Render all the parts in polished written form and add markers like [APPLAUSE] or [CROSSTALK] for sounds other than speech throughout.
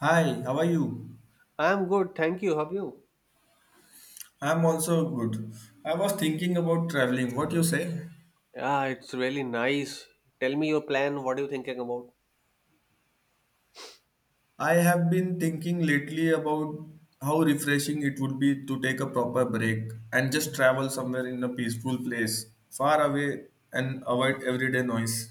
Hi, how are you? I'm good, thank you. How are you? I'm also good. I was thinking about traveling. What you say? Yeah, it's really nice. Tell me your plan. What are you thinking about? I have been thinking lately about how refreshing it would be to take a proper break and just travel somewhere in a peaceful place, far away and avoid everyday noise.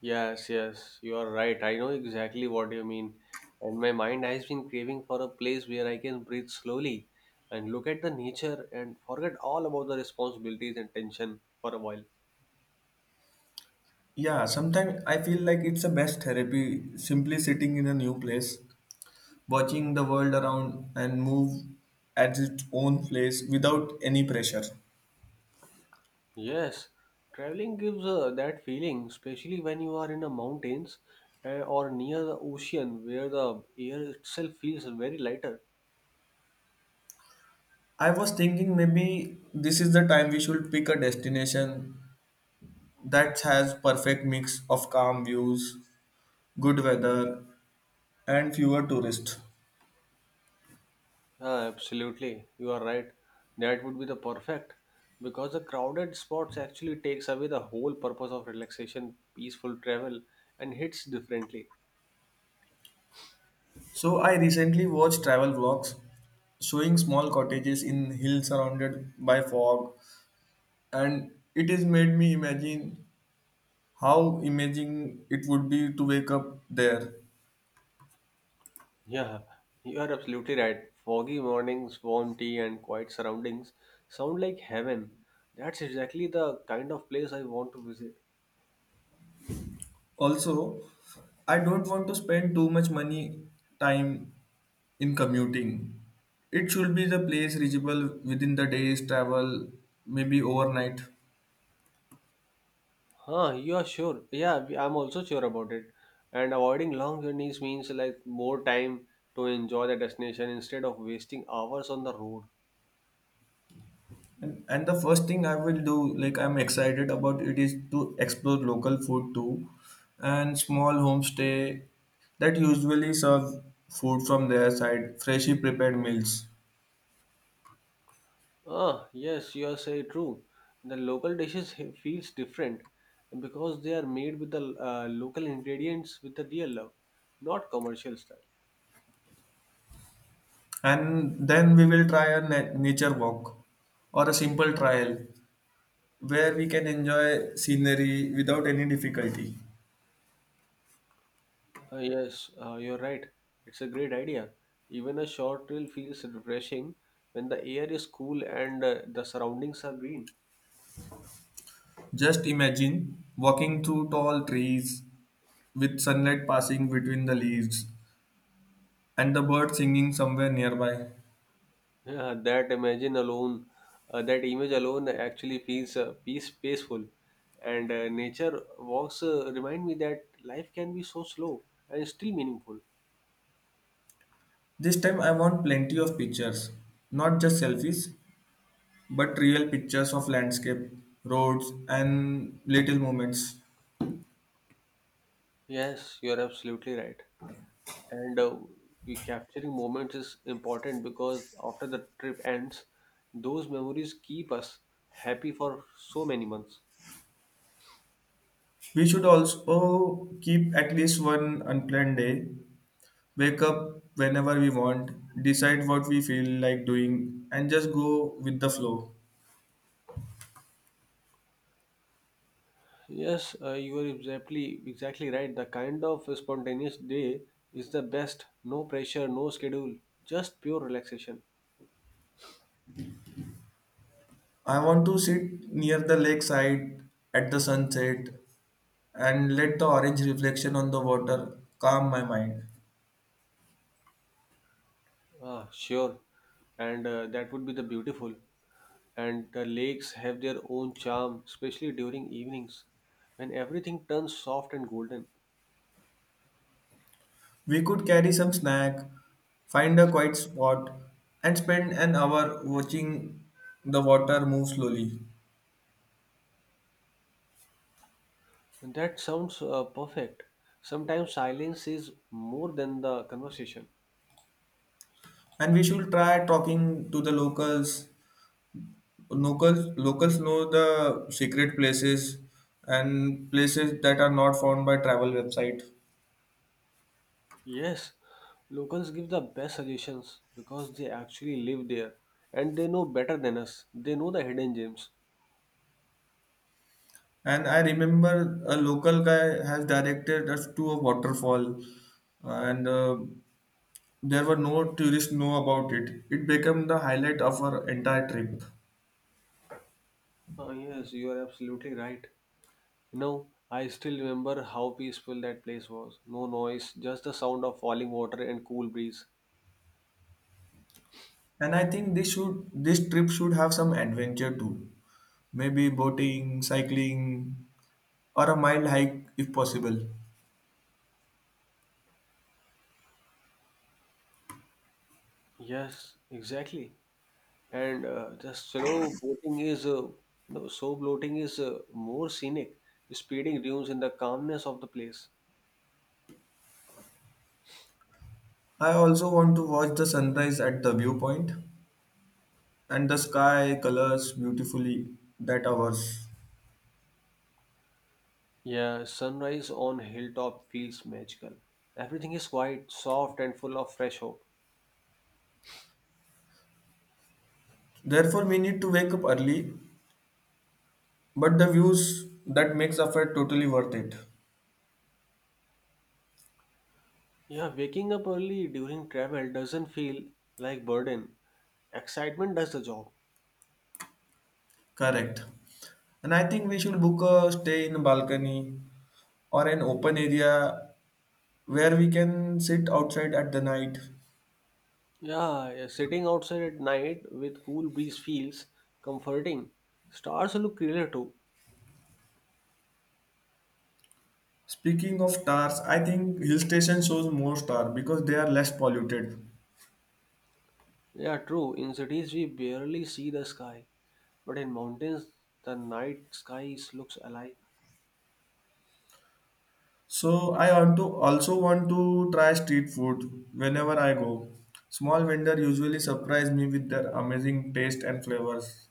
Yes, yes, you are right. I know exactly what you mean. And my mind has been craving for a place where I can breathe slowly and look at the nature and forget all about the responsibilities and tension for a while. Yeah, sometimes I feel like it's the best therapy simply sitting in a new place, watching the world around and move at its own place without any pressure. Yes, traveling gives that feeling, especially when you are in the mountains or near the ocean where the air itself feels very lighter. I was thinking maybe this is the time we should pick a destination that has perfect mix of calm views, good weather, and fewer tourists. Yeah, absolutely, you are right. That would be the perfect because the crowded spots actually takes away the whole purpose of relaxation, peaceful travel, and hits differently. So I recently watched travel vlogs showing small cottages in hills surrounded by fog and it has made me imagine how amazing it would be to wake up there. Yeah, you are absolutely right. Foggy mornings, warm tea, and quiet surroundings sound like heaven. That's exactly the kind of place I want to visit. Also, I don't want to spend too much money time in commuting. It should be the place reachable within the day's travel, maybe overnight. Huh, you are sure? Yeah, I'm also sure about it. And avoiding long journeys means like more time to enjoy the destination instead of wasting hours on the road. And the first thing I will do, like I'm excited about it, is to explore local food too and small homestay that usually serve food from their side, freshly prepared meals. Ah, yes, you are say true. The local dishes feels different because they are made with the local ingredients with the real love, not commercial style. And then we will try a nature walk or a simple trial where we can enjoy scenery without any difficulty. Ah, yes, you're right. It's a great idea. Even a short trail feels refreshing when the air is cool and the surroundings are green. Just imagine walking through tall trees with sunlight passing between the leaves and the birds singing somewhere nearby. Yeah, that imagine alone, that image alone actually feels peaceful, and nature walks remind me that life can be so slow and still meaningful. This time I want plenty of pictures, not just selfies, but real pictures of landscape, roads, and little moments. Yes, you're absolutely right. And we capturing moments is important because after the trip ends, those memories keep us happy for so many months. We should also keep at least one unplanned day wake up whenever we want, decide what we feel like doing, and just go with the flow. Yes, you are exactly right. The kind of spontaneous day is the best. No pressure, no schedule, just pure relaxation. I want to sit near the lakeside at the sunset and let the orange reflection on the water calm my mind. Ah, sure. And that would be the beautiful. And the lakes have their own charm, especially during evenings when everything turns soft and golden. We could carry some snack, find a quiet spot, and spend an hour watching the water move slowly. That sounds perfect. Sometimes silence is more than the conversation. And we should try talking to the locals. Locals know the secret places and places that are not found by travel website. Yes, locals give the best suggestions because they actually live there and they know better than us. They know the hidden gems. And I remember a local guy has directed us to a waterfall, and there were no tourists know about it. It became the highlight of our entire trip. Ah, yes, you are absolutely right. You know, I still remember how peaceful that place was. No noise, just the sound of falling water and cool breeze. And I think this trip should have some adventure too. Maybe boating, cycling, or a mild hike if possible. Yes, exactly. And the slow boating is you know slow boating is more scenic, speeding dunes in the calmness of the place. I also want to watch the sunrise at the viewpoint and the sky colors beautifully that hours. Yeah, sunrise on hilltop feels magical. Everything is quiet, soft, and full of fresh hope. Therefore, we need to wake up early, but the views that makes affair totally worth it. Yeah, waking up early during travel doesn't feel like burden. Excitement does the job. Correct. And I think we should book a stay in a balcony or an open area where we can sit outside at the night. Yeah, yeah, sitting outside at night with cool breeze feels comforting. Stars look clearer too. Speaking of stars, I think hill station shows more star because they are less polluted. Yeah, true, in cities we barely see the sky. But in mountains, the looks alive. So I want to also want to try street food whenever I go. Small vendor usually surprise me with their amazing taste and flavors.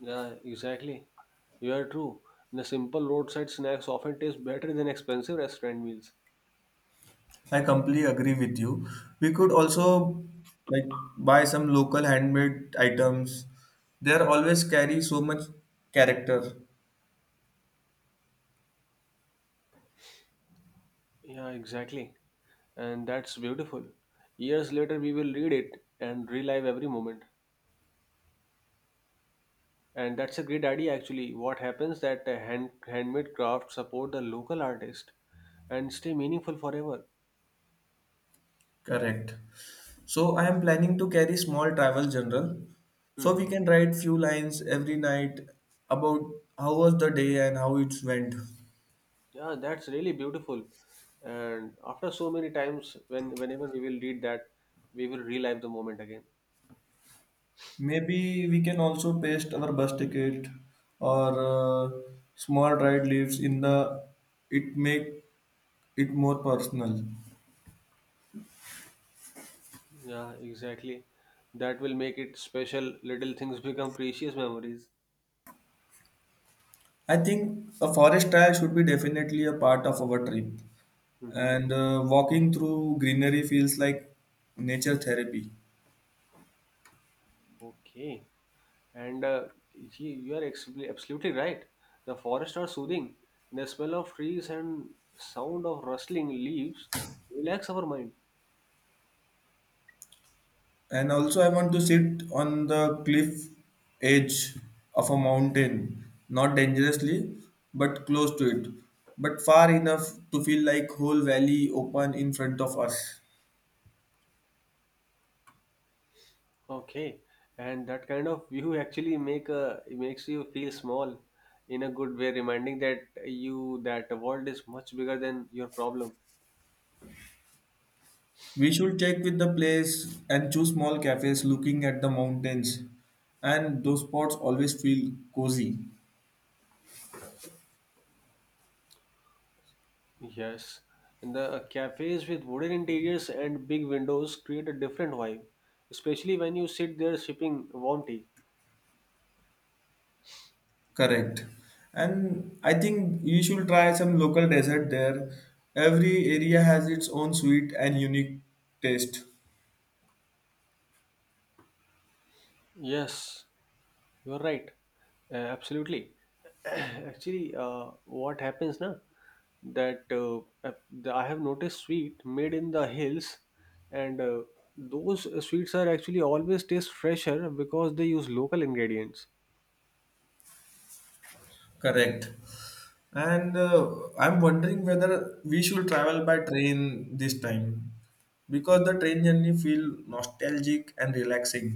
Yeah, exactly. You are true. The simple roadside snacks often taste better than expensive restaurant meals. I completely agree with you. We could also, like, buy some local handmade items. They are always carry so much character. Yeah, exactly. And that's beautiful. Years later, we will read it and relive every moment. And that's a great idea, actually. What happens that handmade crafts support the local artist and stay meaningful forever. Correct. So I am planning to carry small travel journal so we Mhm. can write few lines every night about how was the day and how it went. Yeah, that's really beautiful. And after so many times, whenever we will read that, we will relive the moment again. Maybe we can also paste our bus ticket or small ride leaves in the it make it more personal. Yeah, exactly. That will make it special. Little things become precious memories. I think a forest trail should be definitely a part of our trip, Hmm. and walking through greenery feels like nature therapy. Okay. And you are absolutely right. The forests are soothing. The smell of trees and sound of rustling leaves relax our mind. And also, I want to sit on the cliff edge of a mountain, not dangerously, but close to it, but far enough to feel like whole valley open in front of us. Okay, and that kind of view actually make a it makes you feel small in a good way, reminding that the world is much bigger than your problem. We should check with the place and choose small cafes looking at the mountains, and those spots always feel cozy. Yes, and the cafes with wooden interiors and big windows create a different vibe, especially when you sit there sipping warm tea. Correct. And I think you should try some local dessert there. Every area has its own sweet and unique taste. Yes, you're right. Absolutely. [CLEARS THROAT] Actually, what happens now that uh, I have noticed sweet made in the hills, and those sweets are actually always taste fresher because they use local ingredients. Correct. And I'm wondering whether we should travel by train this time because the train journey feel nostalgic and relaxing.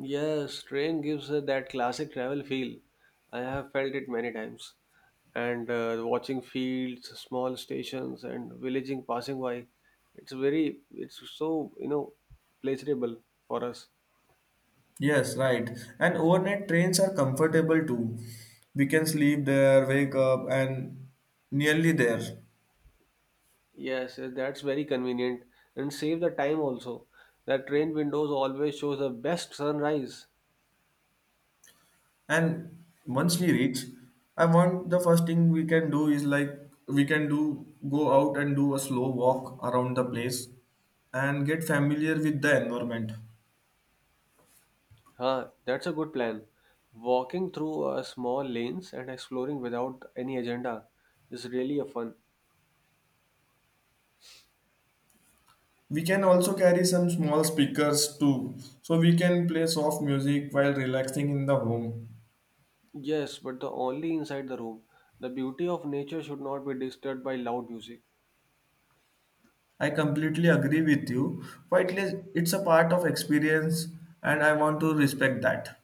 Yes, train gives that classic travel feel. I have felt it many times. And watching fields, small stations, and villaging passing by, it's so, you know, pleasurable for us. Yes, right. And overnight trains are comfortable too. We can sleep there, wake up, and nearly there. Yes, that's very convenient and save the time also. That train windows always shows the best sunrise. And once we reach, I want the first thing we can do is like we can do go out and do a slow walk around the place and get familiar with the environment. Huh, that's a good plan. Walking through small lanes and exploring without any agenda is really a fun. We can also carry some small speakers too, so we can play soft music while relaxing in the home. Yes, but the only inside the room. The beauty of nature should not be disturbed by loud music. I completely agree with you. Quietly, it's a part of experience, and I want to respect that.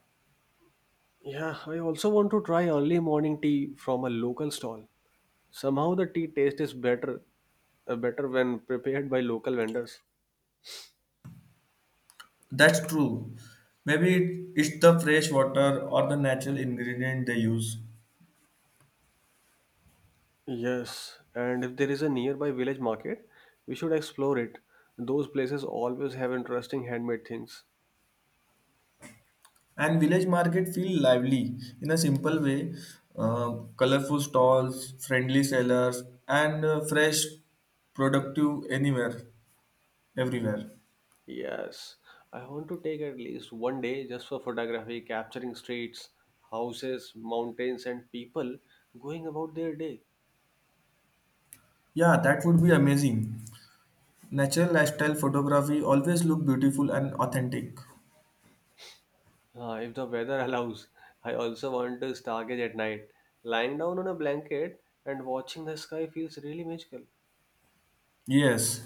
Yeah, I also want to try early morning tea from a local stall. Somehow the tea taste is better when prepared by local vendors. That's true. Maybe it's the fresh water or the natural ingredient they use. Yes, and if there is a nearby village market, we should explore it. Those places always have interesting handmade things. And village market feel lively in a simple way. Uh, Colorful stalls, friendly sellers, and fresh, productive anywhere, everywhere. Yes, I want to take at least one day just for photography, capturing streets, houses, mountains, and people going about their day. Yeah, that would be amazing. Natural lifestyle photography always look beautiful and authentic. Ah, if the weather [LAUGHS] allows, I also want to stargaze at night. Lying down on a blanket and watching the sky feels really magical. Yes.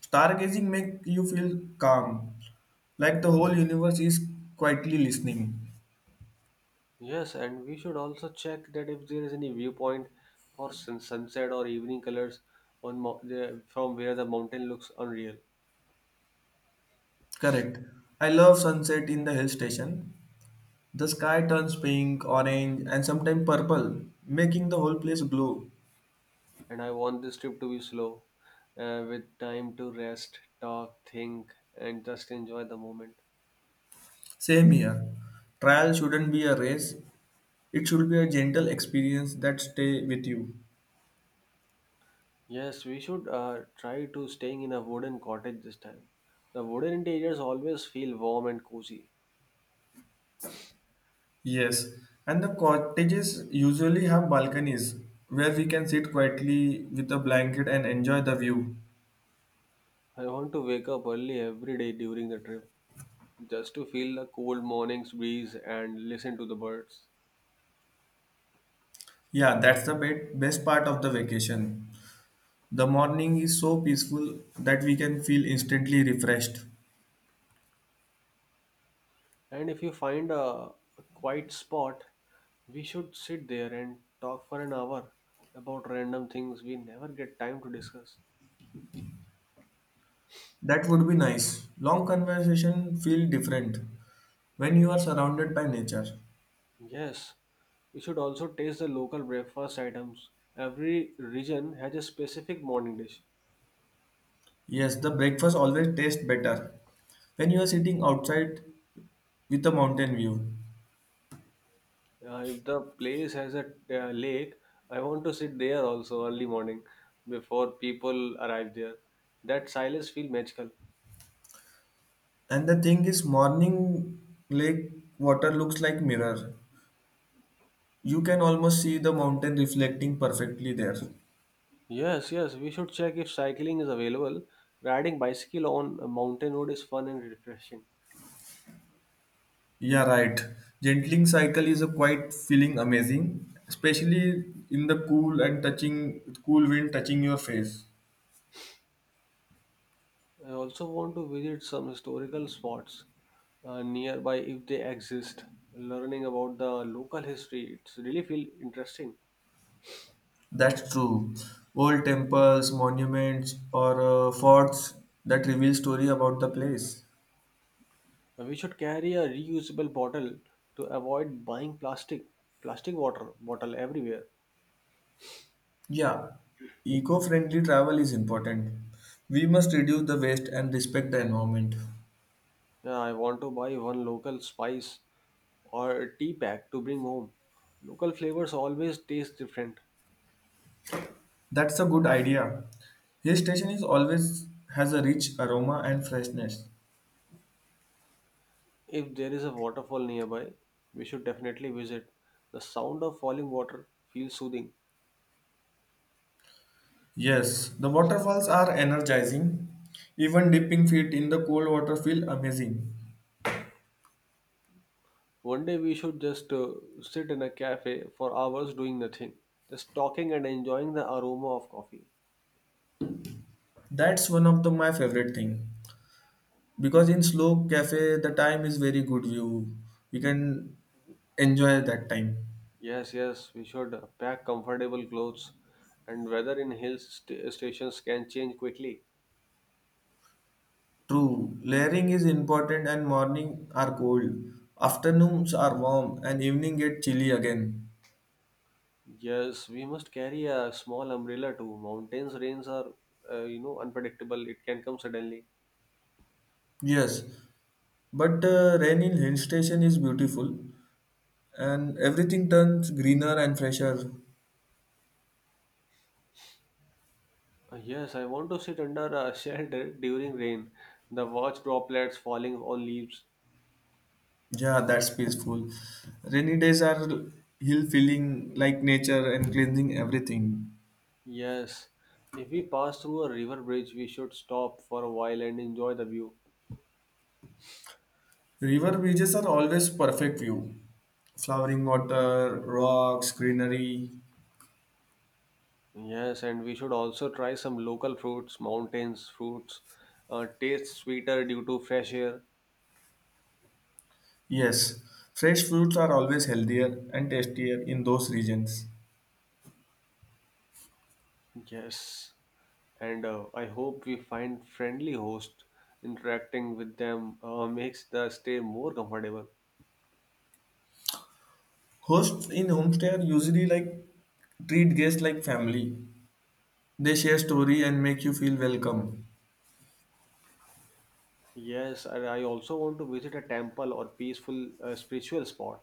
Stargazing make you feel calm, like the whole universe is quietly listening. Yes, and we should also check that if there is any viewpoint for sunset or evening colors on from where the mountain looks unreal. Correct. I love sunset in the hill station. The sky turns pink, orange, and sometimes purple, making the whole place glow. And I want this trip to be slow, with time to rest, talk, think, and just enjoy the moment. Same here. Trial shouldn't be a race. It should be a gentle experience that stay with you. Yes, we should try to staying in a wooden cottage this time. The wooden interiors always feel warm and cozy. Yes, and the cottages usually have balconies where we can sit quietly with a blanket and enjoy the view. I want to wake up early every day during the trip just to feel the cold morning's breeze and listen to the birds. Yeah, that's the best part of the vacation. The morning is so peaceful that we can feel instantly refreshed. And if you find a quiet spot, we should sit there and talk for an hour about random things we never get time to discuss. That would be nice. Long conversation feel different when you are surrounded by nature. Yes, we should also taste the local breakfast items. Every region has a specific morning dish. Yes, the breakfast always tastes better when you are sitting outside with a mountain view. If the place has a lake, I want to sit there also early morning before people arrive there. That silence feels magical. And the thing is, morning lake water looks like mirror. You can almost see the mountain reflecting perfectly there. Yes, yes, we should check if cycling is available. Riding bicycle on a mountain road is fun and refreshing. Yeah, right. Gentling cycle is a quite feeling amazing, especially in the cool and touching cool wind touching your face. I also want to visit some historical spots nearby if they exist. Learning about the local history, it's really feel interesting. That's true. Old temples, monuments, or forts that reveal story about the place. We should carry a reusable bottle to avoid buying plastic water bottle everywhere. Yeah, eco-friendly travel is important. We must reduce the waste and respect the environment. Yeah, I want to buy one local spice or tea pack to bring home. Local flavors always taste different. That's a good idea. His station is always has a rich aroma and freshness. If there is a waterfall nearby, we should definitely visit. The sound of falling water feels soothing. Yes, the waterfalls are energizing. Even dipping feet in the cold water feel amazing. One day we should just sit in a cafe for hours doing nothing, just talking and enjoying the aroma of coffee. That's one of the my favorite thing because in slow cafe the time is very good view. We can enjoy that time. Yes, yes, we should pack comfortable clothes, and weather in stations can change quickly. True, layering is important and morning are cold, afternoons are warm and evening get chilly again. Yes, we must carry a small umbrella too. Mountains rains are, you know, unpredictable. It can come suddenly. Yes, but the rain in hill station is beautiful and everything turns greener and fresher. Yes, I want to sit under a [LAUGHS] shelter during rain, the watch droplets falling on leaves. Yeah, that's peaceful. Rainy days are hill feeling like nature and cleansing everything. Yes, if we pass through a river bridge, we should stop for a while and enjoy the view. River beaches are always perfect view. Flowering water, rocks, greenery. Yes, and we should also try some local fruits, mountains fruits, taste sweeter due to fresh air. Yes, fresh fruits are always healthier and tastier in those regions. Yes, and I hope we find friendly hosts. Interacting with them makes the stay more comfortable. Hosts in homestay are usually like treat guests like family. They share story and make you feel welcome. Yes, and I also want to visit a temple or peaceful spiritual spot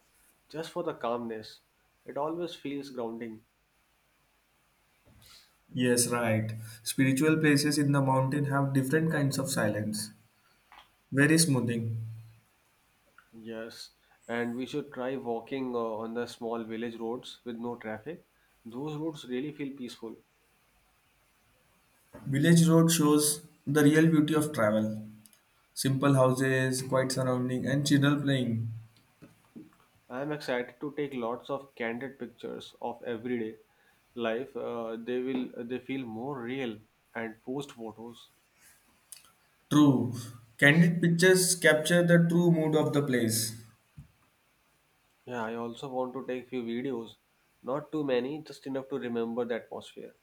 just for the calmness. It always feels grounding. Yes, right. Spiritual places in the mountain have different kinds of silence. Very smoothing. Yes, and we should try walking on the small village roads with no traffic. Those roads really feel peaceful. Village road shows the real beauty of travel. Simple houses, quiet surrounding, and children playing. I am excited to take lots of candid pictures of everyday life. They feel more real and post photos. True. Candid pictures capture the true mood of the place. Yeah, I also want to take few videos. Not too many, just enough to remember the atmosphere.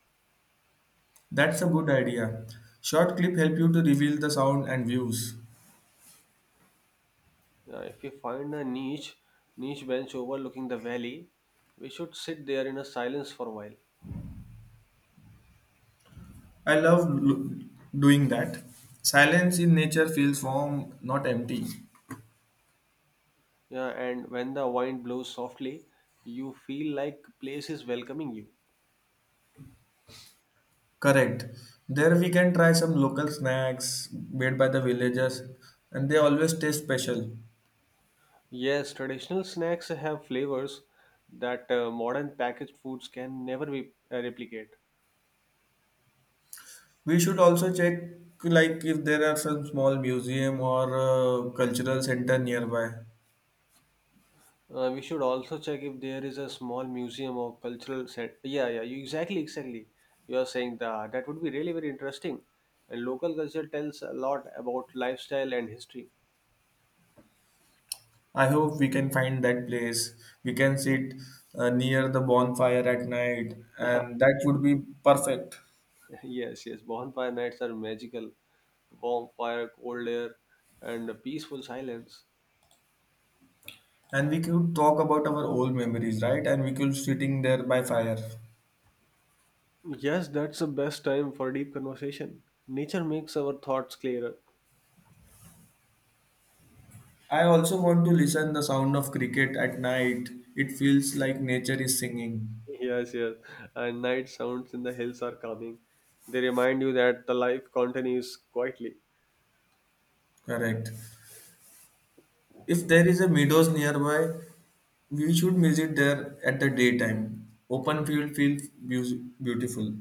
That's a good idea. Short clip help you to reveal the sound and views. Yeah, if we find a niche bench overlooking the valley, we should sit there in a silence for a while. I love doing that. Silence in nature feels warm, not empty. Yeah, and when the wind blows softly, you feel like place is welcoming you. Correct. There we can try some local snacks made by the villagers and they always taste special. Yes, traditional snacks have flavors that modern packaged foods can never replicate. We should also check like if there are some small museum or cultural center nearby. We should also check if there is a small museum or cultural set. Yeah, yeah, exactly, exactly. You are saying that that would be really very interesting. And local culture tells a lot about lifestyle and history. I hope we can find that place. We can sit near the bonfire at night [LAUGHS] and that would be perfect. Yes, yes. Bonfire nights are magical. Warm fire, cold air, and a peaceful silence. And we could talk about our old memories, right? And we could sitting there by fire. Yes, that's the best time for deep conversation. Nature makes our thoughts clearer. [LAUGHS] I also want to listen the sound of cricket at night. It feels like nature is singing. Yes, yes. And night sounds in the hills are calming. They remind you that the life continues quietly. Correct. If there is a meadows nearby, we should visit there at the daytime. Open field feels beautiful.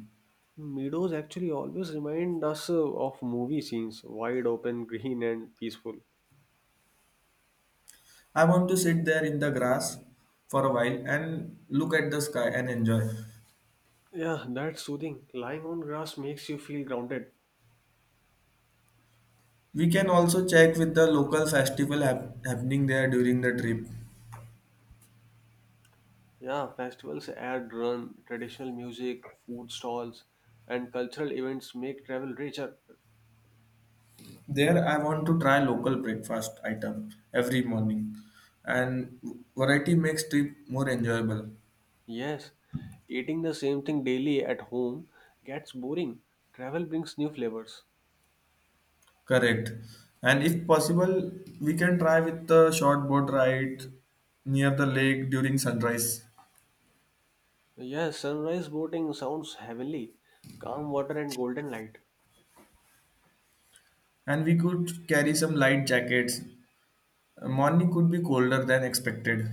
Meadows actually always remind us of movie scenes, wide open, green, and peaceful. I want to sit there in the grass for a while and look at the sky and enjoy. Yeah, that's soothing. Lying on grass makes you feel grounded. We can also check with the local festival happening there during the trip. Yeah, festivals add run traditional music, food stalls, and cultural events make travel richer. There, I want to try local breakfast item every morning, and variety makes trip more enjoyable. Yes, eating the same thing daily at home gets boring. Travel brings new flavors. Correct. And if possible, we can try with the short boat ride near the lake during sunrise. Yes, sunrise boating sounds heavenly. Calm water and golden light. And we could carry some light jackets. Morning could be colder than expected.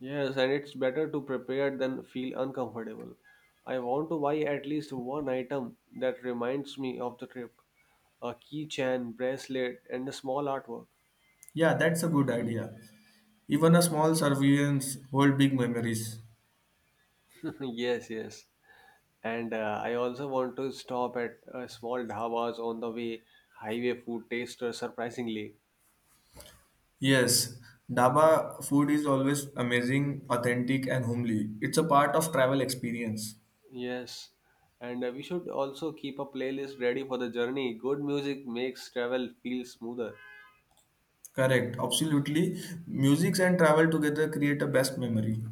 Yes, and it's better to prepare than feel uncomfortable. I want to buy at least one item that reminds me of the trip. A keychain, bracelet, and a small artwork. Yeah, that's a good idea. Even a small surveillance hold big memories. [LAUGHS] Yes, yes. And I also want to stop at small dhabas on the way. Highway food taster, surprisingly. Yes, Dhaba food is always amazing, authentic, and homely. It's a part of travel experience. Yes. And we should also keep a playlist ready for the journey. Good music makes travel feel smoother. Correct, absolutely. Music and travel together create a best memory.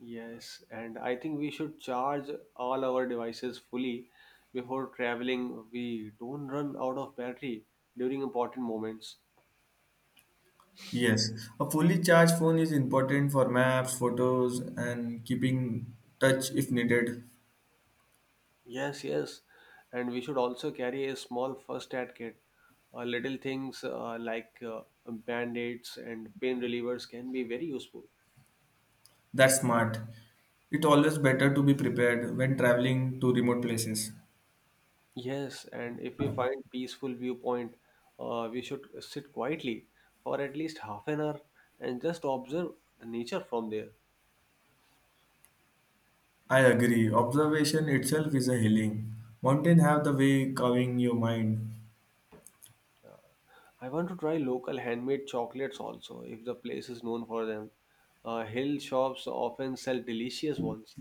Yes. And I think we should charge all our devices fully before traveling. We don't run out of battery during important moments. Yes, a fully charged phone is important for maps, photos, and keeping touch if needed. Yes, yes. And we should also carry a small first aid kit. Little things like band-aids and pain relievers can be very useful. That's smart. It's always better to be prepared when traveling to remote places. Yes, and if we find peaceful viewpoint, we should sit quietly for at least half an hour and just observe the nature from there. I agree. Observation itself is a healing. Mountain have the way calming your mind. I want to try local handmade chocolates also, if the place is known for them. Hill shops often sell delicious ones.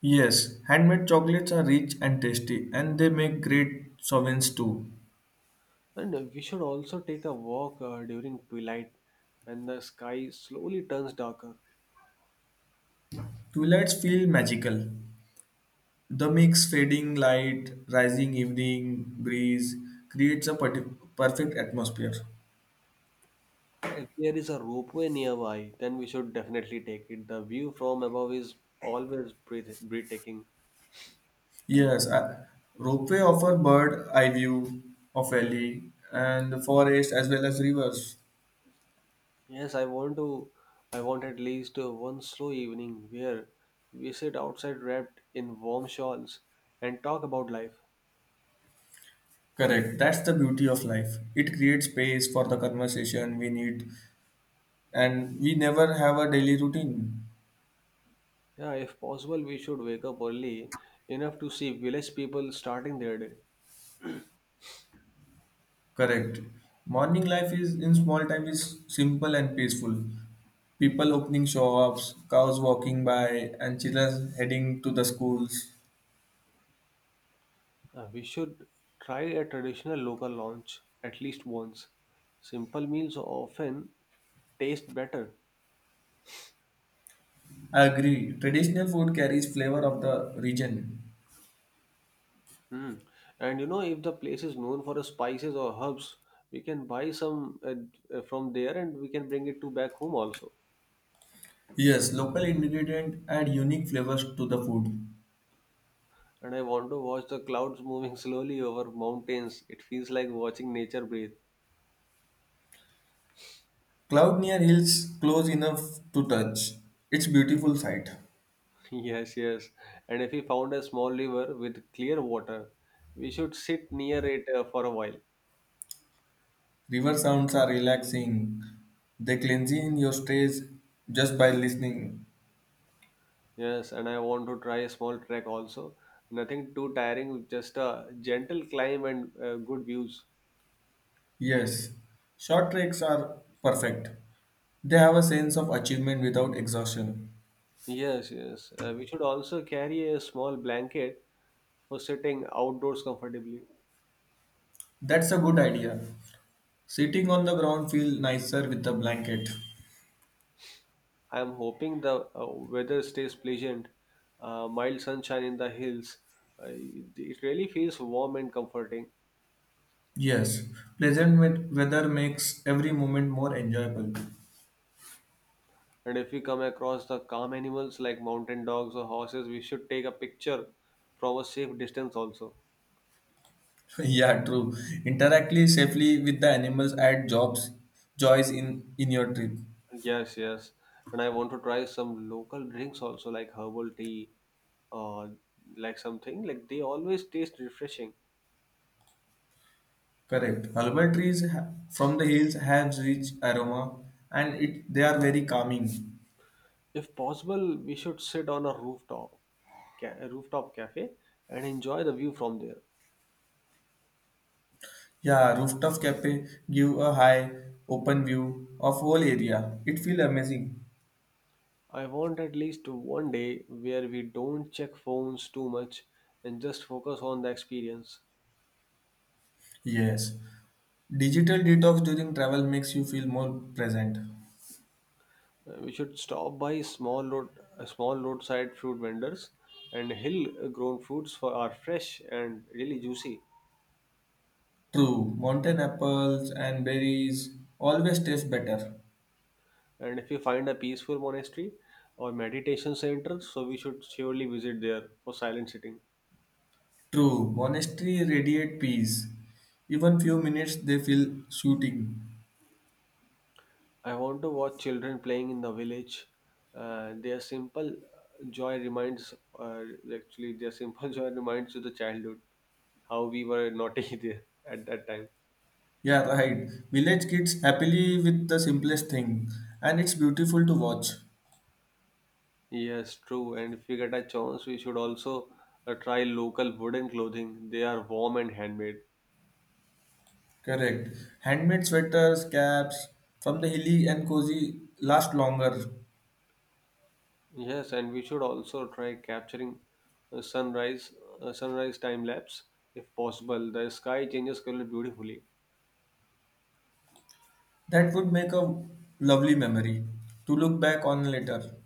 Yes, handmade chocolates are rich and tasty, and they make great sovereigns too. And we should also take a walk during twilight when the sky slowly turns darker. Twilights feel magical. The mix fading light, rising evening breeze creates a perfect atmosphere. If there is a ropeway nearby, then we should definitely take it. The view from above is always breathtaking. Yes, ropeway offer bird eye view of valley and the forest as well as rivers. Yes, I want to. I want at least one slow evening where we sit outside wrapped in warm shawls and talk about life. Correct. That's the beauty of life. It creates space for the conversation we need, and we never have a daily routine. Yeah, if possible, we should wake up early enough to see village people starting their day. Correct. Morning life is in small time is simple and peaceful. People opening shops, cows walking by, and children heading to the schools. We should try a traditional local lunch at least once. Simple meals often taste better. I agree. Traditional food carries flavor of the region. Hmm. And you know, if the place is known for spices or herbs, we can buy some from there and we can bring it to back home also. Yes, local ingredient add unique flavors to the food. And I want to watch the clouds moving [LAUGHS] slowly over mountains. It feels like watching nature breathe. Cloud near hills close enough to touch. It's beautiful sight. [LAUGHS] Yes, yes. And if we found a small river with clear water, we should sit near it for a while. River sounds are relaxing. They cleanse in your stays just by listening. Yes, and I want to try a small trek also. Nothing too tiring, just a gentle climb and good views. Yes, short treks are perfect. They have a sense of achievement without exhaustion. Yes, yes. We should also carry a small blanket for sitting outdoors comfortably. That's a good idea. Sitting on the ground feel nicer with a blanket. I am hoping the weather stays pleasant, mild sunshine in the hills. It really feels warm and comforting. Yes, pleasant weather makes every moment more enjoyable. And if we come across the calm animals like mountain dogs or horses, we should take a picture from a safe distance also. [LAUGHS] Yeah, true. Interactly safely with the animals add jobs, joys in your trip. Yes, yes. And I want to try some local drinks also, like herbal tea or like something. Like they always taste refreshing. Correct. Herbal trees from the hills have rich aroma and it they are very calming. If possible, we should sit on a rooftop, a rooftop cafe and enjoy the view from there. Yeah, rooftop cafe give a high open view of whole area. It feel amazing. I want at least one day where we don't check phones too much and just focus on the experience. Yes. Digital detox during travel makes you feel more present. We should stop by small road, small roadside fruit vendors, and hill-grown fruits for are fresh and really juicy. True. Mountain apples and berries always taste better. And if you find a peaceful monastery or meditation center, so we should surely visit there for silent sitting. True. Monastery radiate peace. Even few minutes they feel soothing. I want to watch children playing in the village. Their simple joy reminds, actually, their simple [LAUGHS] joy reminds you the childhood, how we were naughty [LAUGHS] there at that time. Yeah, right. Village kids happily with the simplest thing and it's beautiful to watch. Yes, true. And if we get a chance, we should also try local wooden clothing. They are warm and handmade. Correct. Handmade sweaters, caps from the hilly and cozy last longer. Yes, and we should also try capturing uh, sunrise sunrise time lapse if possible. The sky changes color beautifully. That would make a lovely memory to look back on later.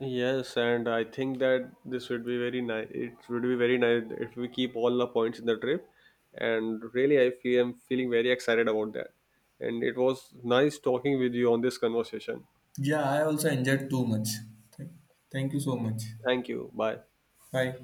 Yes, and I think that this would be very nice. It would be very nice if we keep all the points in the trip. And really, I'm feeling very excited about that. And it was nice talking with you on this conversation. Yeah, I also enjoyed too much. Thank thank you so much. Thank you. Bye. Bye.